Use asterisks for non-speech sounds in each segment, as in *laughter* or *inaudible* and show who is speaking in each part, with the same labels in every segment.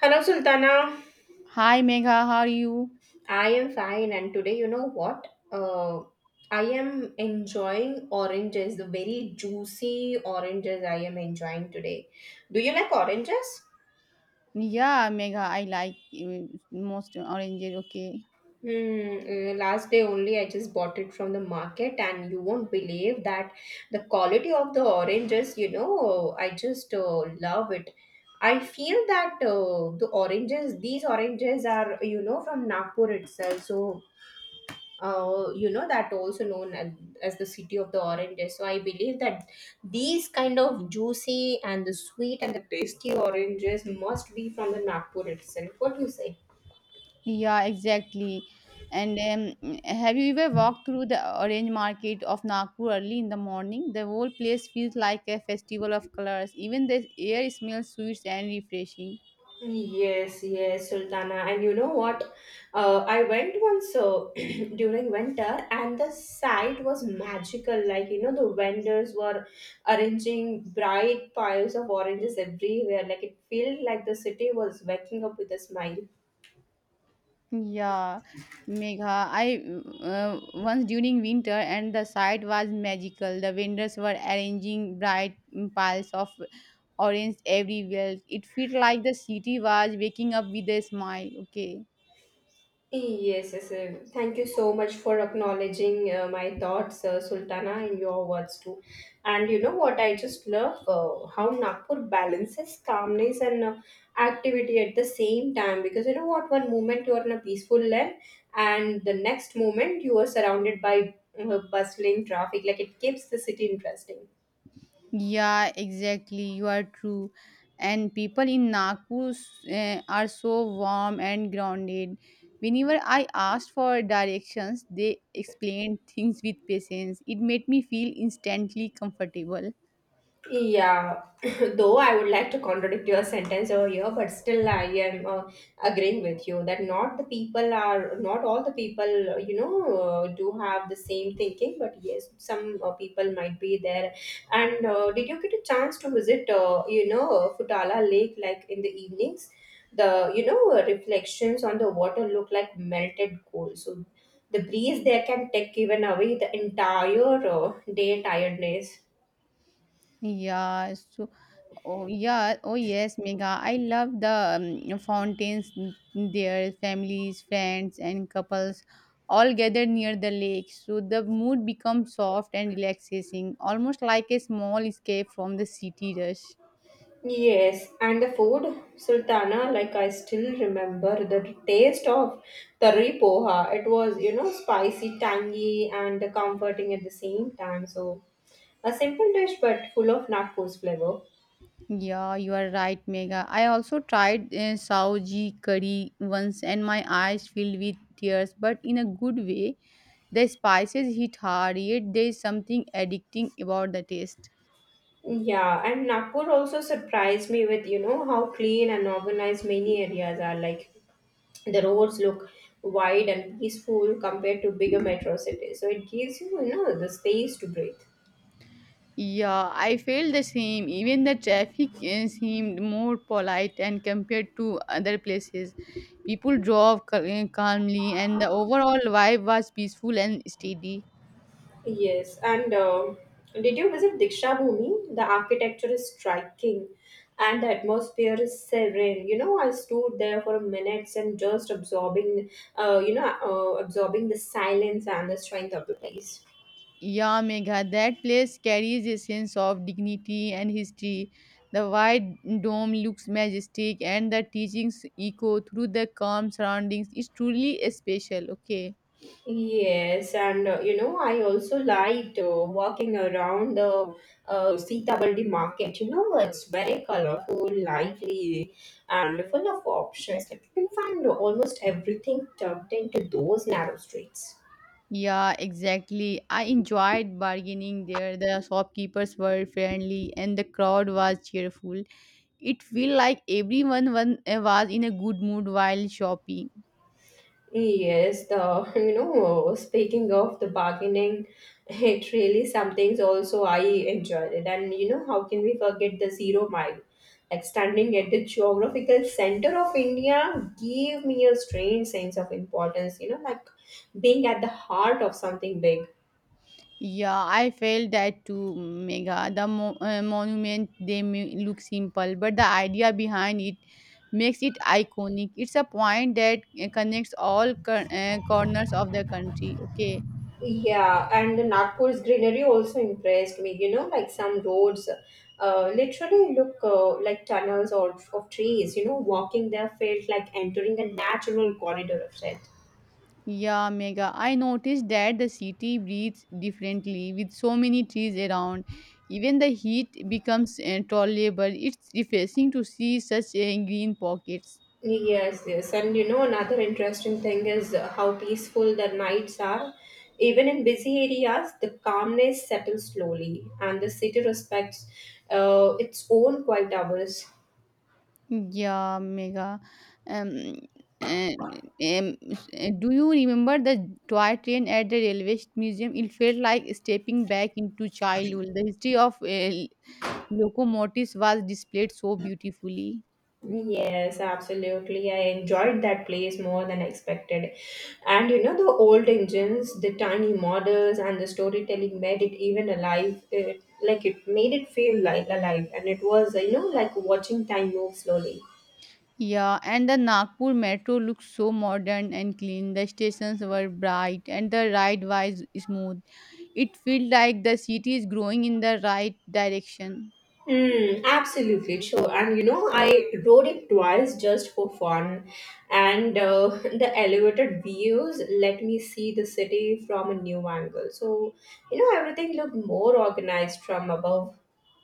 Speaker 1: Hello, Sultana.
Speaker 2: Hi Megha, how are you?
Speaker 1: I am fine, and today, you know what? Uh, I am enjoying oranges, the very juicy oranges I am enjoying today. Do you like oranges?
Speaker 2: Yeah, Megha, I like most oranges. Okay.
Speaker 1: Last day only I just bought it from the market, and you won't believe that the quality of the oranges, you know, I just love it. I feel that the oranges, these oranges are, you know, from Nagpur itself. So, you know that also known as the city of the oranges, so I believe that these kind of juicy and the sweet and the tasty oranges must be from the Nagpur itself. What do you say?
Speaker 2: Yeah, exactly. And have you ever walked through the orange market of Nagpur early in the morning? The whole place feels like a festival of colors. Even the air smells sweet and refreshing.
Speaker 1: Yes, yes, Sultana. And you know what? I went once *clears throat* during winter, and the sight was magical. Like, you know, the vendors were arranging bright piles of oranges everywhere. Like, it felt like the city was waking up with a smile.
Speaker 2: Yeah, Megha. I once during winter and the sight was magical. The vendors were arranging bright piles of orange everywhere. It felt like the city was waking up with a smile. Okay.
Speaker 1: Yes, yes. Thank you so much for acknowledging my thoughts, Sultana, and your words too. And you know what? I just love how Nagpur balances calmness and activity at the same time. Because you know what? One moment you are in a peaceful land, and the next moment you are surrounded by bustling traffic. Like it keeps the city interesting.
Speaker 2: Yeah, exactly. You are true. And people in Nagpur are so warm and grounded. Whenever I asked for directions, they explained things with patience. It made me feel instantly comfortable.
Speaker 1: Yeah, *coughs* *clears throat* though I would like to contradict your sentence over here, but still I am agreeing with you that not the people are not all the people you know do have the same thinking, but yes, some people might be there. And did you get a chance to visit you know Futala Lake like in the evenings? The you know reflections on the water look like melted gold. So the breeze there can take even away the entire day tiredness.
Speaker 2: Yeah, so oh yeah, oh yes, Mega. I love the there, families, friends, and couples all gathered near the lake. So the mood becomes soft and relaxing, almost like a small escape from the city rush.
Speaker 1: Yes, and the food, Sultana, like I still remember the taste of tari poha. It was, you know, spicy, tangy, and comforting at the same time. So, a simple dish but full of Nagpur's flavor.
Speaker 2: Yeah, you are right, Mega. I also tried Saoji curry once, and my eyes filled with tears, but in a good way. The spices hit hard, yet there is something addicting about the taste.
Speaker 1: Yeah, and Nagpur also surprised me with, you know, how clean and organized many areas are. Like, the roads look wide and peaceful compared to bigger metro cities. So, it gives you, you know, the space to breathe.
Speaker 2: Yeah, I felt the same. Even the traffic seemed more polite and compared to other places. People drove calmly, and the overall vibe was peaceful and steady.
Speaker 1: Yes, and did you visit Diksha Bhumi? The architecture is striking and the atmosphere is serene. You know, I stood there for minutes and just absorbing, absorbing the silence and the strength of the place.
Speaker 2: Yeah, Megha, that place carries a sense of dignity and history. The wide dome looks majestic, and the teachings echo through the calm surroundings. It's truly special, okay?
Speaker 1: Yes, and you know, I also liked walking around the Sitabaldi market. You know, it's very colorful, lively, and full of options. Like, you can find almost everything tucked into those narrow streets.
Speaker 2: Yeah, exactly. I enjoyed bargaining there. The shopkeepers were friendly and the crowd was cheerful. It felt like everyone was in a good mood while shopping.
Speaker 1: Yes, the *laughs* you know, speaking of the bargaining, it really some things also I enjoyed it. And you know, how can we forget the zero mile? Like standing at the geographical center of India gave me a strange sense of importance, you know, like being at the heart of something big.
Speaker 2: Yeah, I felt that too, Mega. The monument, they may look simple, but the idea behind it makes it iconic. It's a point that connects all corners of the country. Okay.
Speaker 1: Yeah, and Nagpur's greenery also impressed me. You know, like some roads literally look like tunnels or of trees. You know, walking there felt like entering a natural corridor of set.
Speaker 2: Yeah, mega. I noticed that the city breathes differently with so many trees around. Even the heat becomes tolerable. It's refreshing to see such green pockets.
Speaker 1: Yes, yes. And you know, another interesting thing is how peaceful the nights are. Even in busy areas, the calmness settles slowly, and the city respects its own quiet hours.
Speaker 2: Yeah, mega. Um, do you remember the toy train at the railway museum? It felt like stepping back into childhood. The history of locomotives was displayed so beautifully.
Speaker 1: Yes, absolutely. I enjoyed that place more than expected. And you know, the old engines, the tiny models, and the storytelling made it even alive. It, like it made it feel like alive. And it was, you know, like watching time move slowly.
Speaker 2: Yeah, and the Nagpur metro looked so modern and clean. The stations were bright and the ride was smooth. It felt like the city is growing in the right direction.
Speaker 1: Mm, absolutely true. And you know, I rode it twice just for fun. And *laughs* the elevated views let me see the city from a new angle. So, you know, everything looked more organized from above.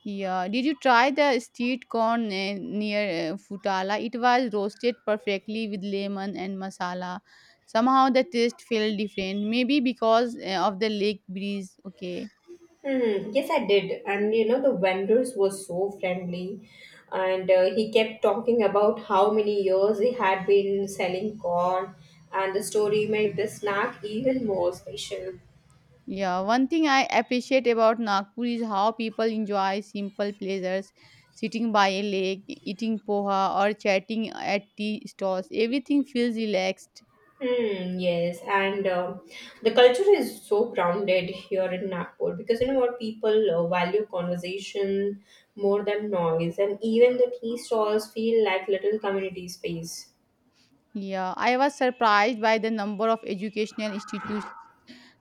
Speaker 2: Yeah, did you try the street corn near Futala? It was roasted perfectly with lemon and masala. Somehow the taste felt different, maybe because of the lake breeze. Okay.
Speaker 1: Hmm. Yes, I did. And you know, the vendors were so friendly. And he kept talking about how many years he had been selling corn, and the story made the snack even more special.
Speaker 2: Yeah, one thing I appreciate about Nagpur is how people enjoy simple pleasures, sitting by a lake, eating poha, or chatting at tea stalls. Everything feels relaxed.
Speaker 1: Hmm, yes, and the culture is so grounded here in Nagpur because you know what people value conversation more than noise, and even the tea stalls feel like little community space.
Speaker 2: Yeah, I was surprised by the number of educational institutes.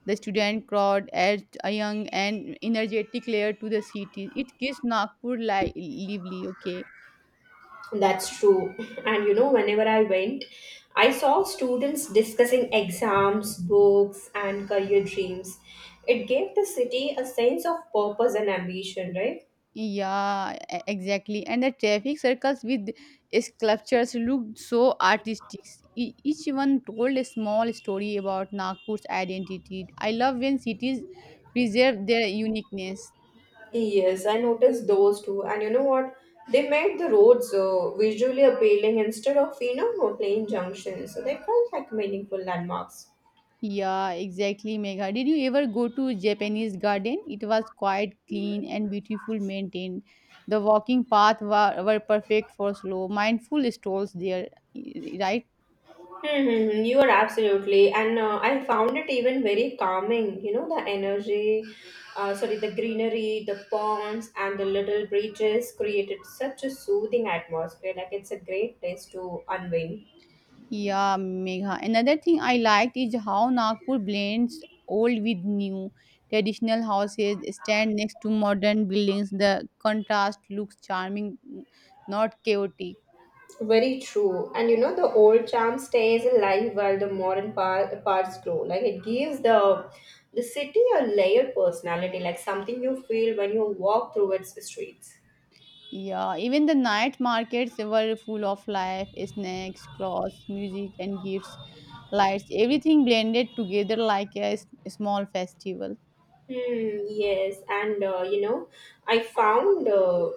Speaker 2: The student crowd adds a young and energetic layer to the city. It gives Nagpur lively. Okay.
Speaker 1: That's true. *laughs* And you know, whenever I went, I saw students discussing exams, books, and career dreams. It gave the city a sense of purpose and ambition, right?
Speaker 2: Yeah, exactly. And the traffic circles with sculptures looked so artistic. Each one told a small story about Nagpur's identity. I love when cities preserve their uniqueness.
Speaker 1: Yes, I noticed those too. And you know what? They made the roads visually appealing instead of, you know, plain junctions. So they felt like meaningful landmarks.
Speaker 2: Yeah, exactly, Megha. Did you ever go to Japanese garden? It was quite clean and beautiful maintained. The walking path were perfect for slow, mindful strolls there, right?
Speaker 1: Mm-hmm. You are absolutely, and I found it even very calming. You know, the energy, sorry, the greenery, the ponds, and the little bridges created such a soothing atmosphere. Like it's a great place to unwind.
Speaker 2: Yeah, Megha. Another thing I liked is how Nagpur blends old with new. Traditional houses stand next to modern buildings. The contrast looks charming, not chaotic.
Speaker 1: Very true, and you know, the old charm stays alive while the modern parts grow. Like it gives the city a layered personality, like something you feel when you walk through its streets.
Speaker 2: Yeah, even the night markets were full of life, snacks, clothes, music, and gifts. Lights, everything blended together like a small festival.
Speaker 1: Hmm, yes, and you know, I found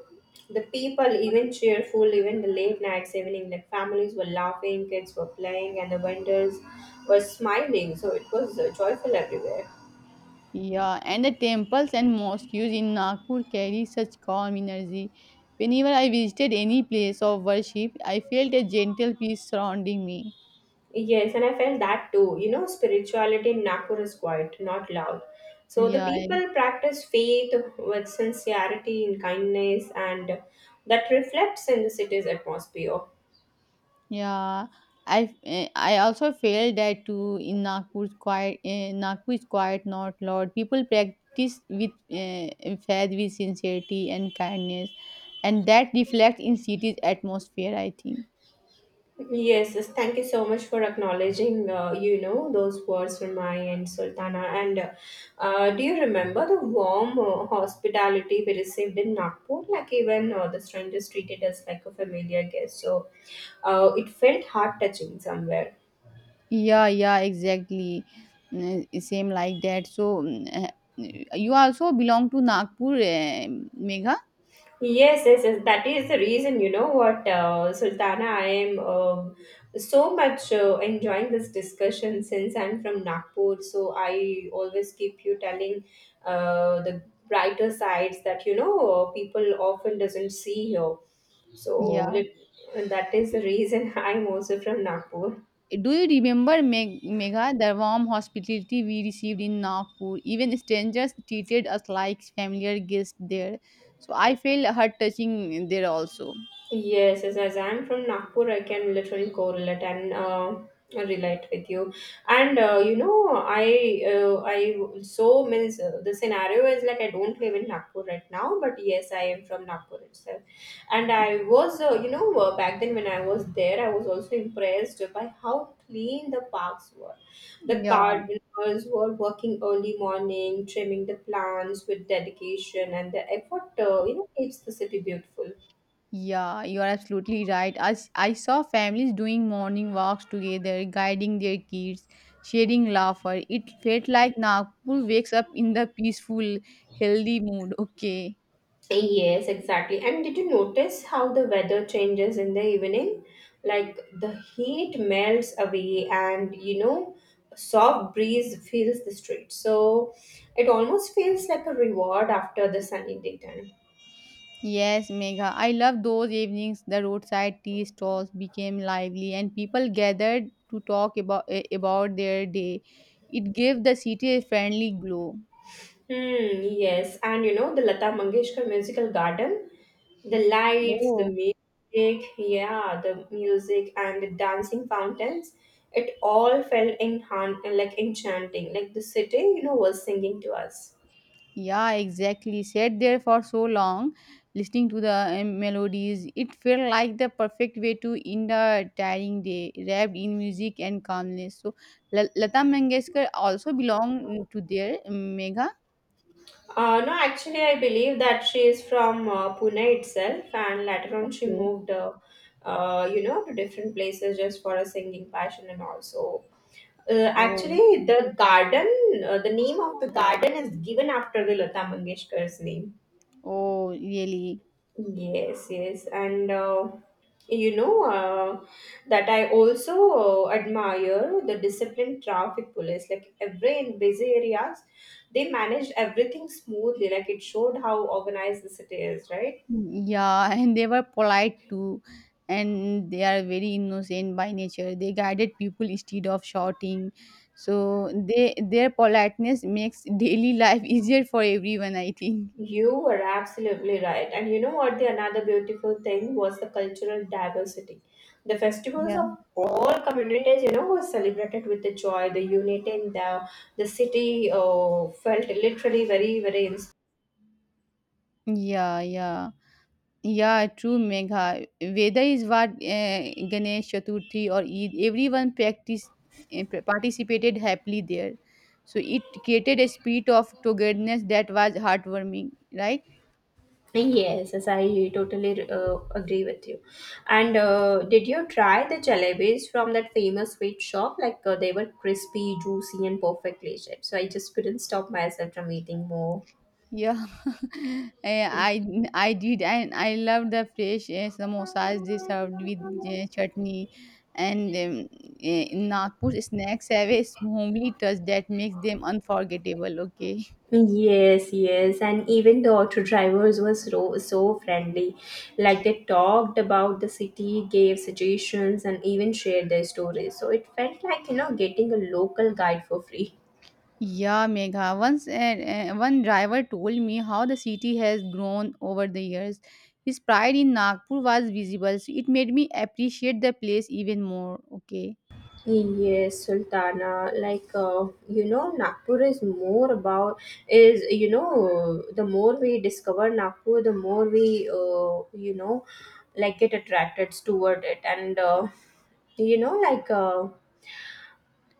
Speaker 1: the people even cheerful, even the late nights, evening, like families were laughing, kids were playing, and the vendors were smiling. So it was joyful everywhere.
Speaker 2: Yeah, and the temples and mosques in Nagpur carry such calm energy. Whenever I visited any place of worship, I felt a gentle peace surrounding me.
Speaker 1: Yes, and I felt that too. You know, spirituality in Nagpur is quiet, not loud. So the
Speaker 2: Yeah, I-
Speaker 1: people practice faith with sincerity and kindness, and that reflects in the city's atmosphere.
Speaker 2: yeah, I also felt that too in Nagpur's quiet. Nagpur is quiet, not loud. People practice with faith, with sincerity and kindness, and that reflects in city's atmosphere. I think.
Speaker 1: Yes, yes, thank you so much for acknowledging, those words from my end, Sultana. And do you remember the warm hospitality we received in Nagpur? Like even the strangers treated us like a familiar guest. So it felt heart touching somewhere.
Speaker 2: Yeah, yeah, exactly. Mm, same like that. So, you also belong to Nagpur, Megha?
Speaker 1: Yes, yes, yes. That is the reason, you know what, Sultana, I am so much enjoying this discussion since I'm from Nagpur. So I always keep you telling the brighter sides that, you know, people often doesn't see here. So
Speaker 2: Yeah.
Speaker 1: that is the reason *laughs* I'm also from Nagpur.
Speaker 2: Do you remember, Megha, the warm hospitality we received in Nagpur? Even strangers treated us like familiar guests there. So, I feel her touching there also.
Speaker 1: Yes, yes, as I'm from Nagpur, I can literally correlate and relate with you. And you know, I so means the scenario is like I don't live in Nagpur right now, but yes, I am from Nagpur itself. And I was, back then when I was there, I was also impressed by how clean the parks were. The
Speaker 2: Yeah.
Speaker 1: gardeners were working early morning, trimming the plants with dedication, and the effort, keeps the city beautiful.
Speaker 2: Yeah, you are absolutely right. I saw families doing morning walks together, guiding their kids, sharing laughter. It felt like Nagpur wakes up in the peaceful, healthy mood. Okay.
Speaker 1: Yes, exactly. And did you notice how the weather changes in the evening? Like the heat melts away, and you know, a soft breeze fills the street. So it almost feels like a reward after the sunny daytime.
Speaker 2: Yes, Megha. I love those evenings. The roadside tea stalls became lively, and people gathered to talk about about their day. It gave the city a friendly glow.
Speaker 1: Hmm, yes, and you know the Lata Mangeshkar Musical Garden, the lights, the
Speaker 2: Oh.
Speaker 1: music, yeah, the music and the dancing fountains, it all felt in like enchanting. Like the city, you know, was singing to us.
Speaker 2: Yeah, exactly. Sat there for so long, listening to the melodies. It felt like the perfect way to end a tiring day, wrapped in music and calmness. So, Lata Mangeshkar also belonged to their mega.
Speaker 1: No, actually, I believe that she is from Pune itself, and later on she
Speaker 2: Okay.
Speaker 1: moved, you know, to different places just for a singing passion and also.
Speaker 2: Oh,
Speaker 1: Actually, the garden, the name of the garden is given after the Lata Mangeshkar's name.
Speaker 2: oh, really?
Speaker 1: Yes, yes, and you know that I also admire the disciplined traffic police. Like every in busy areas, they manage everything smoothly. Like it showed how organized the city is, right?
Speaker 2: Yeah, *laughs* and they were polite too, and they are very innocent by nature. They guided people instead of shouting. So they their politeness makes daily life *laughs* easier for everyone, I think.
Speaker 1: You were absolutely right. And you know what? The another beautiful thing was the cultural diversity. The festivals
Speaker 2: Yeah.
Speaker 1: of all communities, you know, were celebrated with the joy, the unity, in the city felt literally very, very inspiring.
Speaker 2: Yeah, yeah. Yeah, true, Megha. Whether is what Ganesh Chaturthi or Eid, everyone participated happily there. So it created a spirit of togetherness that was heartwarming, right?
Speaker 1: Yes, yes, I totally agree with you. And did you try the jalebis from that famous sweet shop? Like they were crispy, juicy, and perfectly shaped. So I just couldn't stop myself from eating more.
Speaker 2: Yeah, *laughs* Eh, I I did, and I love the fresh samosas they served with chutney, and in Nagpur snacks have a homely touch that makes them unforgettable. Okay,
Speaker 1: Yes, yes, and even the auto drivers were so friendly. Like they talked about the city, gave suggestions, and even shared their stories. So it felt like you know getting a local guide for free.
Speaker 2: yeah, Megha. Once one driver told me how the city has grown over the years. His pride in Nagpur was visible, so it made me appreciate the place even more. Okay.
Speaker 1: Yes, Sultana. Like you know, Nagpur is more about is you know the more we discover Nagpur, the more we like get attracted toward it, and you know like uh,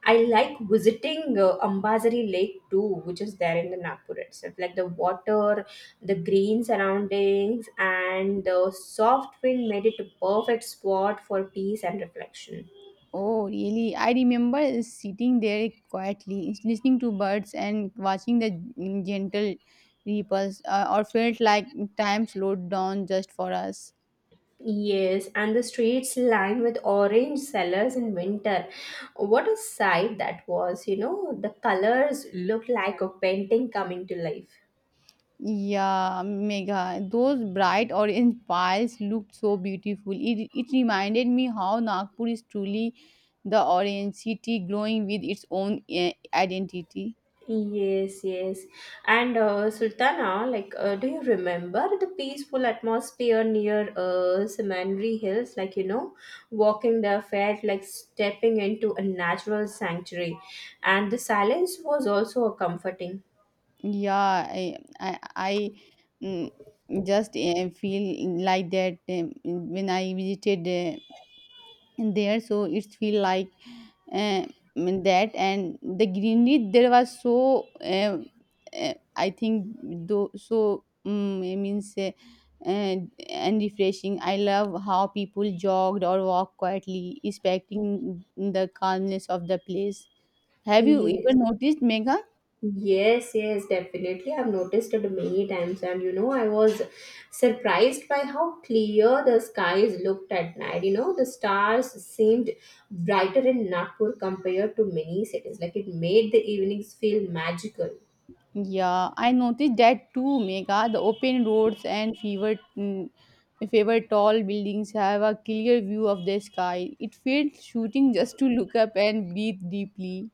Speaker 1: I like visiting Ambazari Lake too, which is there in the Nagpur itself. Like the water, the green surroundings, and the soft wind made it a perfect spot for peace and reflection.
Speaker 2: Oh, really? I remember sitting there quietly, listening to birds and watching the gentle ripples, or felt like time slowed down just for us.
Speaker 1: Yes, and the streets lined with orange cellars in winter. What a sight that was, you know, the colors looked like a painting coming to life.
Speaker 2: Yeah, mega. Those bright orange piles looked so beautiful. It reminded me how Nagpur is truly the orange city glowing with its own identity.
Speaker 1: Yes, yes. And Sultana, like, do you remember the peaceful atmosphere near Simandri Hills? Walking there felt like stepping into a natural sanctuary, and the silence was also a comforting.
Speaker 2: Yeah, I mm, just feel like that when I visited there, so it feel like uh, that and the greenery there was so I think though so it means uh, and refreshing. I love how people jogged or walked quietly, respecting the calmness of the place. Have you
Speaker 1: Yes.
Speaker 2: even noticed, Megha?
Speaker 1: Yes, yes, definitely. I've noticed it many times, and I was surprised by how clear the skies looked at night. The stars seemed brighter in Nagpur compared to many cities. Like it made the evenings feel magical.
Speaker 2: Yeah, I noticed that too, Mega. The open roads and fever, favored tall buildings have a clear view of the sky. It feels shooting just to look up and breathe deeply.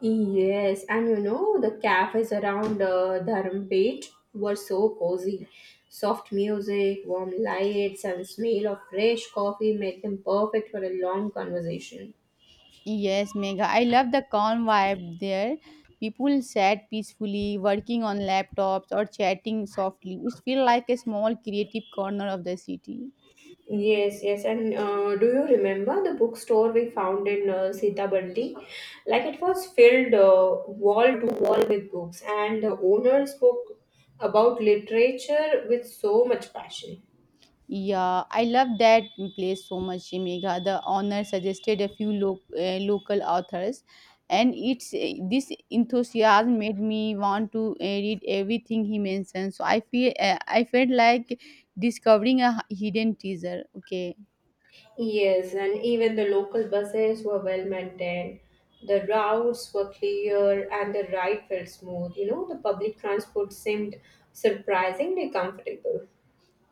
Speaker 1: Yes, and the cafes around Dharampet were so cozy. Soft music, warm lights, and smell of fresh coffee made them perfect for a long conversation.
Speaker 2: Yes, Mega. I love the calm vibe there. People sat peacefully, working on laptops or chatting softly. It feels like a small creative corner of the city.
Speaker 1: Yes, yes, and do you remember the bookstore we found in Sitaballi? Like it was filled wall to wall with books, and the owner spoke about literature with so much passion.
Speaker 2: Yeah, I love that place so much, Megha. The honor suggested a few local authors, and it's this enthusiasm made me want to read everything he mentioned. So I felt like discovering a hidden teaser. Okay,
Speaker 1: Yes, and even the local buses were well maintained. The routes were clear, and the ride felt smooth. The public transport seemed surprisingly comfortable.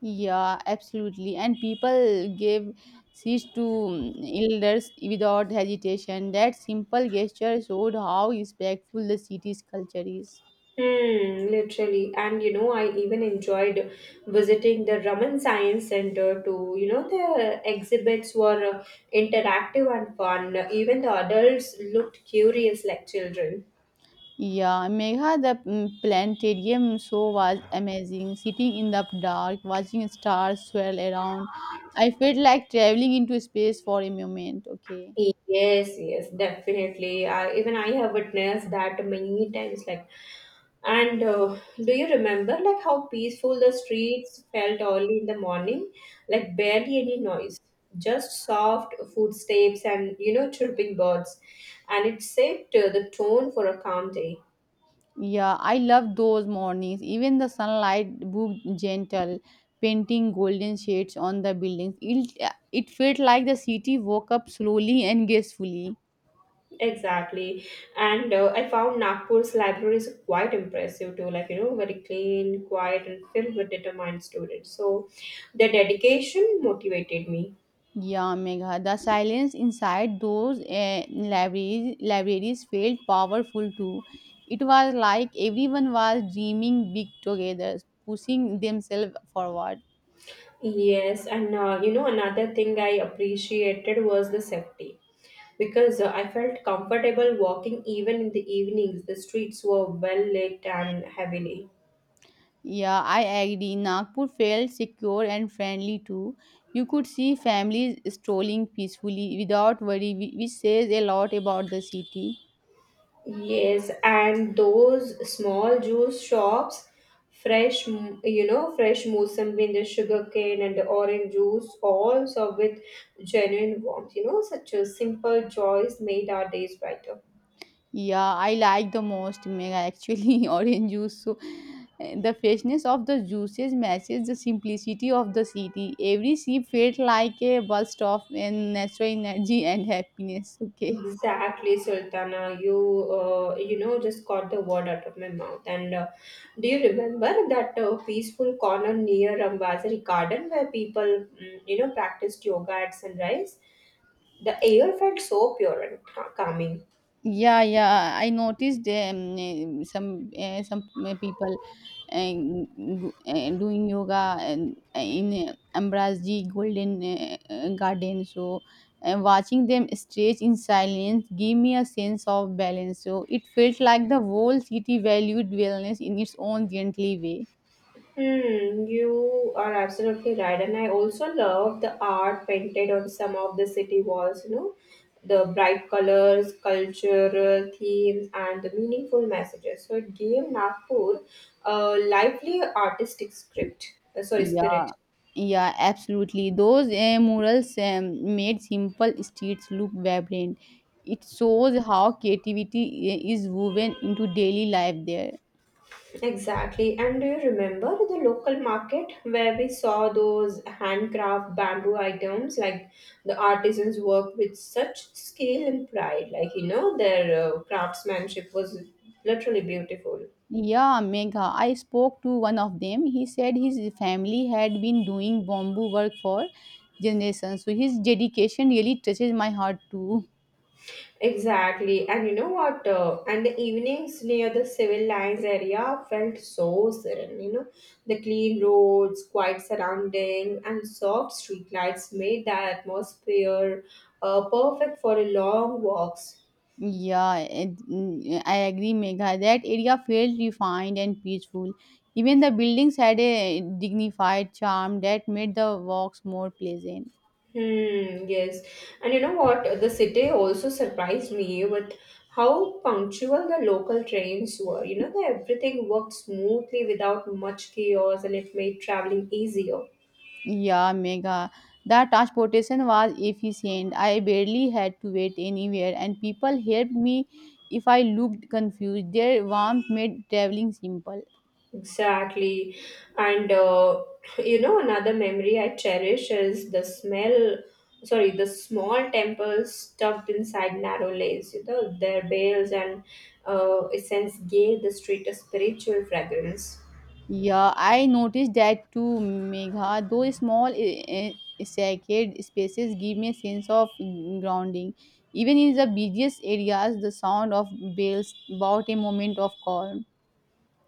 Speaker 2: yeah, absolutely. And people gave seats to elders without hesitation. That simple gesture showed how respectful the city's culture is.
Speaker 1: Hmm, literally. And I even enjoyed visiting the Raman Science Center too. The exhibits were interactive and fun. Even the adults looked curious like children.
Speaker 2: Yeah, Megha, the planetarium show was amazing. Sitting in the dark, watching stars swirl around, I felt like traveling into space for a moment. Okay.
Speaker 1: Yes, yes, definitely. I, even I have witnessed that many times. Like. And do you remember like how peaceful the streets felt early in the morning? Like barely any noise, just soft footsteps and chirping birds. And it set the tone for a calm day.
Speaker 2: Yeah, I love those mornings. Even the sunlight moved gentle, painting golden shades on the buildings. It felt like the city woke up slowly and gracefully.
Speaker 1: Exactly. And I found Nagpur's libraries quite impressive too, like very clean, quiet, and filled with determined students. So their dedication motivated me.
Speaker 2: Yeah, Megha. The silence inside those libraries felt powerful too. It was like everyone was dreaming big together, pushing themselves forward.
Speaker 1: Yes, and another thing I appreciated was the safety because I felt comfortable walking even in the evenings. The streets were well lit and heavily.
Speaker 2: Yeah, I agree. Nagpur felt secure and friendly too. You could see families strolling peacefully without worry, which says a lot about the city.
Speaker 1: Yes, and those small juice shops, fresh, fresh mosambi and the sugar cane and the orange juice, all served with genuine warmth. Such a simple joys made our days brighter.
Speaker 2: Yeah, I like the most mega actually *laughs* orange juice. So the freshness of the juices matches the simplicity of the city. Every sip felt like a burst of natural energy and happiness. Okay.
Speaker 1: Exactly, Sultana. You, just got the word out of my mouth. And do you remember that peaceful corner near Ambassador Garden where people, practiced yoga at sunrise? The air felt so pure and calming.
Speaker 2: Yeah, yeah. I noticed eh, some people uh, doing yoga and in Ambrazi Golden Garden. So, watching them stretch in silence gave me a sense of balance. So, it felt like the whole city valued wellness in its own gently way.
Speaker 1: Hmm, you are absolutely right. And I also love the art painted on some of the city walls, the bright colors, cultural themes, and the meaningful messages. So it gave Nagpur a lively artistic script, sorry, spirit.
Speaker 2: Yeah, yeah, absolutely. Those murals made simple streets look vibrant. It shows how creativity is woven into daily life there.
Speaker 1: Exactly. And do you remember the local market where we saw those handcraft bamboo items? Like the artisans worked with such skill and pride. Their craftsmanship was literally beautiful.
Speaker 2: Yeah, Megha. I spoke to one of them. He said his family had been doing bamboo work for generations. So his dedication really touches my heart too.
Speaker 1: Exactly. And you know what? And the evenings near the civil lines area felt so serene. The clean roads, quiet surrounding, and soft streetlights made the atmosphere perfect for a long walks.
Speaker 2: Yeah, I agree, Megha. That area felt refined and peaceful. Even the buildings had a dignified charm that made the walks more pleasant.
Speaker 1: Hmm, yes. And you know what? The city also surprised me with how punctual the local trains were. That everything worked smoothly without much chaos and it made traveling easier.
Speaker 2: Yeah, Megha. The transportation was efficient. I barely had to wait anywhere, and people helped me if I looked confused. Their warmth made traveling simple.
Speaker 1: Exactly. And another memory I cherish is the smell, sorry, the small temples stuffed inside narrow lanes. Their bells and essence gave the street a spiritual fragrance.
Speaker 2: Yeah, I noticed that too, Megha. Those small, sacred spaces give me a sense of grounding. Even in the busiest areas, the sound of bells brought a moment of calm.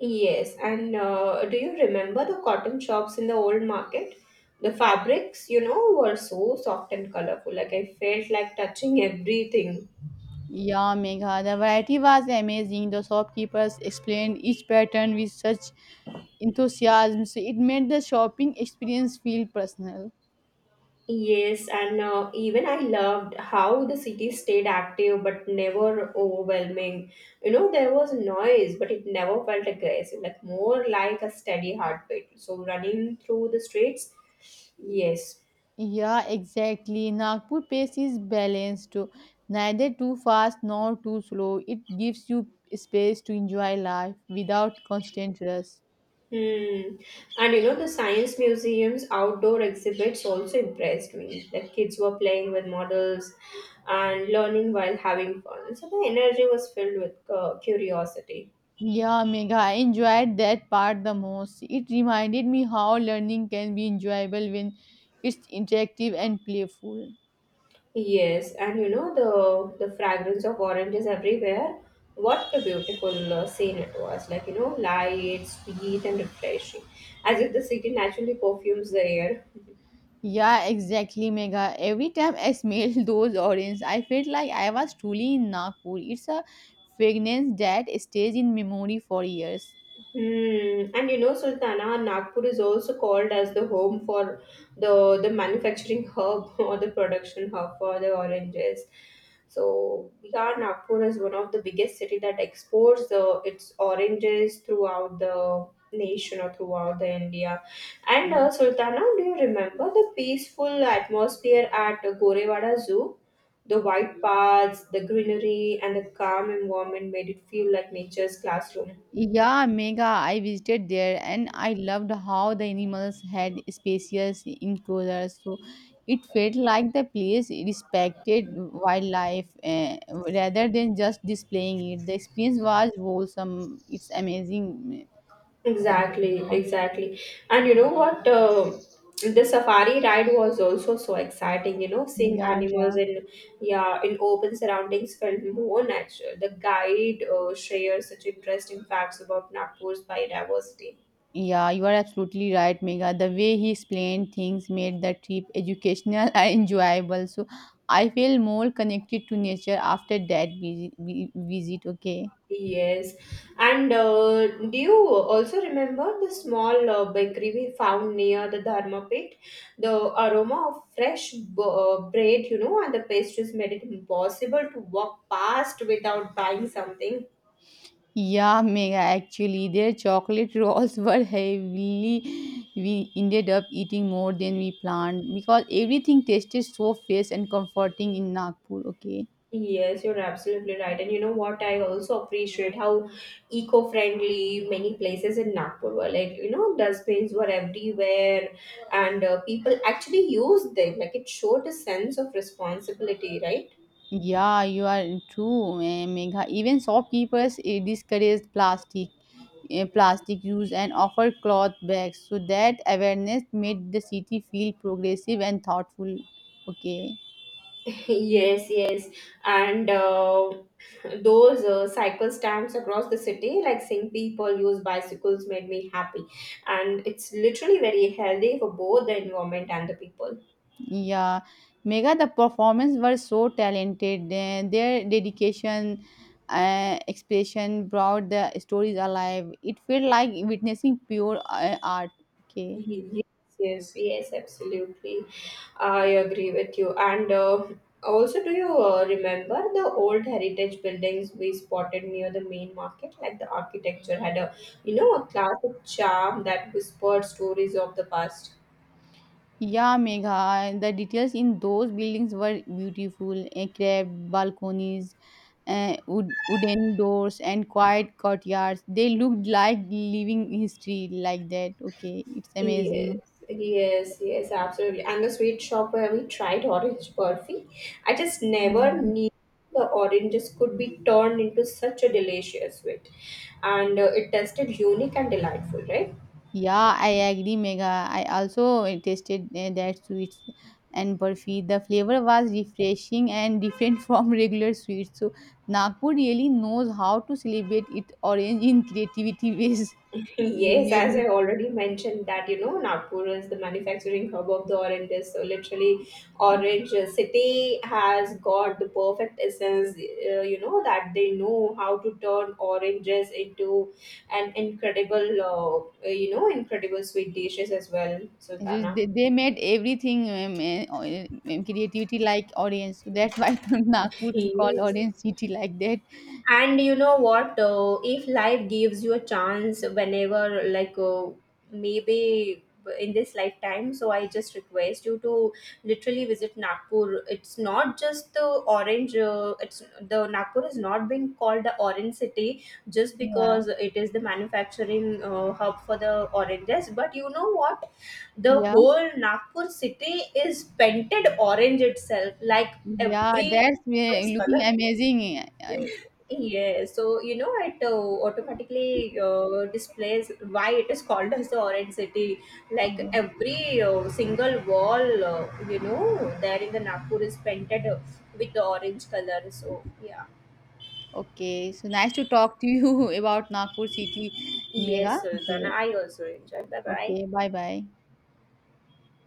Speaker 1: Yes, and do you remember the cotton shops in the old market? The fabrics, were so soft and colorful. Like I felt like touching everything.
Speaker 2: Yeah, Megha, the variety was amazing. The shopkeepers explained each pattern with such enthusiasm, so it made the shopping experience feel personal.
Speaker 1: Yes, and even I loved how the city stayed active but never overwhelming. There was noise, but it never felt aggressive, like more like a steady heartbeat. So running through the streets, yes.
Speaker 2: Yeah, exactly. Nagpur pace is balanced, too. Neither too fast nor too slow. It gives you space to enjoy life without constant rush.
Speaker 1: Hmm. And the Science Museum's outdoor exhibits also impressed me. The kids were playing with models and learning while having fun. So the energy was filled with curiosity.
Speaker 2: Yeah, Megha, I enjoyed that part the most. It reminded me how learning can be enjoyable when it's interactive and playful.
Speaker 1: Yes, and you know, the, fragrance of oranges everywhere. What a beautiful scene it was. Light, sweet, and refreshing. As if the city naturally perfumes the air.
Speaker 2: Yeah, exactly, Megha. Every time I smelled *laughs* those oranges, I felt like I was truly in Nagpur. It's a fragrance that stays in memory for years.
Speaker 1: Hmm. And Sultana, Nagpur is also called as the home for the manufacturing hub *laughs* or the production hub for the oranges. So, yeah, Nagpur is one of the biggest city that exports the its oranges throughout the nation or throughout the India. And Sultana, do you remember the peaceful atmosphere at Gorewada Zoo? The white paths, the greenery, and the calm environment made it feel like nature's classroom.
Speaker 2: Yeah, Mega, I visited there and I loved how the animals had spacious enclosures. So it felt like the place respected wildlife rather than just displaying it. The experience was wholesome. It's amazing.
Speaker 1: Exactly,
Speaker 2: Okay.
Speaker 1: exactly. And you know what? The safari ride was also so exciting. Seeing
Speaker 2: Yeah,
Speaker 1: animals
Speaker 2: yeah.
Speaker 1: in yeah in open surroundings felt more natural. The guide shares such interesting facts about Nagpur's biodiversity.
Speaker 2: Yeah, you are absolutely right, Mega. The way he explained things made the trip educational *laughs* and enjoyable. So I feel more connected to nature after that visit. Okay.
Speaker 1: Yes. And do you also remember the small bakery we found near the Dharma pit? The aroma of fresh bread, and the pastries made it impossible to walk past without buying something.
Speaker 2: Yeah, mega actually. Their chocolate rolls *laughs* were heavily. We ended up eating more than we planned because everything tasted so fresh and comforting in Nagpur. Okay.
Speaker 1: Yes, you're absolutely right. And you know what? I also appreciate how eco friendly many places in Nagpur were. Dustbins were everywhere, and people actually used them. Like, it showed a sense of responsibility, right?
Speaker 2: Yeah, you are true, Megha. Even shopkeepers eh, discourage plastic use and offer cloth bags. So that awareness made the city feel progressive and thoughtful. Okay.
Speaker 1: Yes, yes. And those cycle stamps across the city, like seeing people use bicycles, made me happy. And it's literally very healthy for both the environment and the people.
Speaker 2: Yeah, Mega, the performance were so talented. Their dedication, expression brought the stories alive. It felt like witnessing pure art. Okay.
Speaker 1: Yes, yes, yes, absolutely. I agree with you. And also, do you remember the old heritage buildings we spotted near the main market? Like the architecture had a, a classic charm that whispered stories of the past.
Speaker 2: Yeah, Megha, the details in those buildings were beautiful. Carved balconies, wooden doors, and quiet courtyards. They looked like living history, like that. Okay, it's
Speaker 1: Yes,
Speaker 2: amazing.
Speaker 1: yes, yes, absolutely. And the sweet shop where we tried orange burfi, I just never
Speaker 2: Yeah.
Speaker 1: knew the oranges could be turned into such a delicious sweet. And it tasted unique and delightful, right?
Speaker 2: Yeah, I agree, Mega. I also tasted that sweets and burfi. The flavor was refreshing and different *laughs* from regular sweets. So Nagpur really knows how to celebrate it orange in creativity *laughs* ways.
Speaker 1: Yes, as
Speaker 2: Really.
Speaker 1: I already mentioned that Nagpur is the manufacturing hub of the oranges. So literally, Orange City has got the perfect essence. That they know how to turn oranges into an incredible, incredible sweet dishes as well,
Speaker 2: Just
Speaker 1: Sultana.
Speaker 2: they made everything creativity like orange. So that's why *laughs* Nagpur called
Speaker 1: Yes.
Speaker 2: orange city like that.
Speaker 1: And you know what? If life gives you a chance whenever, maybe in this lifetime, so I just request you to literally visit Nagpur. It's not just the orange, it's the Nagpur is not being called the orange city just
Speaker 2: Yeah,
Speaker 1: because it is the manufacturing hub for the oranges. But you know what? The
Speaker 2: yeah,
Speaker 1: whole Nagpur city is painted orange itself, like
Speaker 2: yeah.
Speaker 1: every
Speaker 2: That's looking
Speaker 1: color.
Speaker 2: amazing.
Speaker 1: Yeah, so it automatically displays why it is called as the Orange City. Like
Speaker 2: Okay.
Speaker 1: every single wall, there in the Nagpur is painted with the orange color. So yeah,
Speaker 2: Okay, so nice to talk to you *laughs* about Nagpur city mega.
Speaker 1: yes, Sultana,
Speaker 2: Okay,
Speaker 1: I also enjoy. Bye bye.
Speaker 2: okay, bye bye.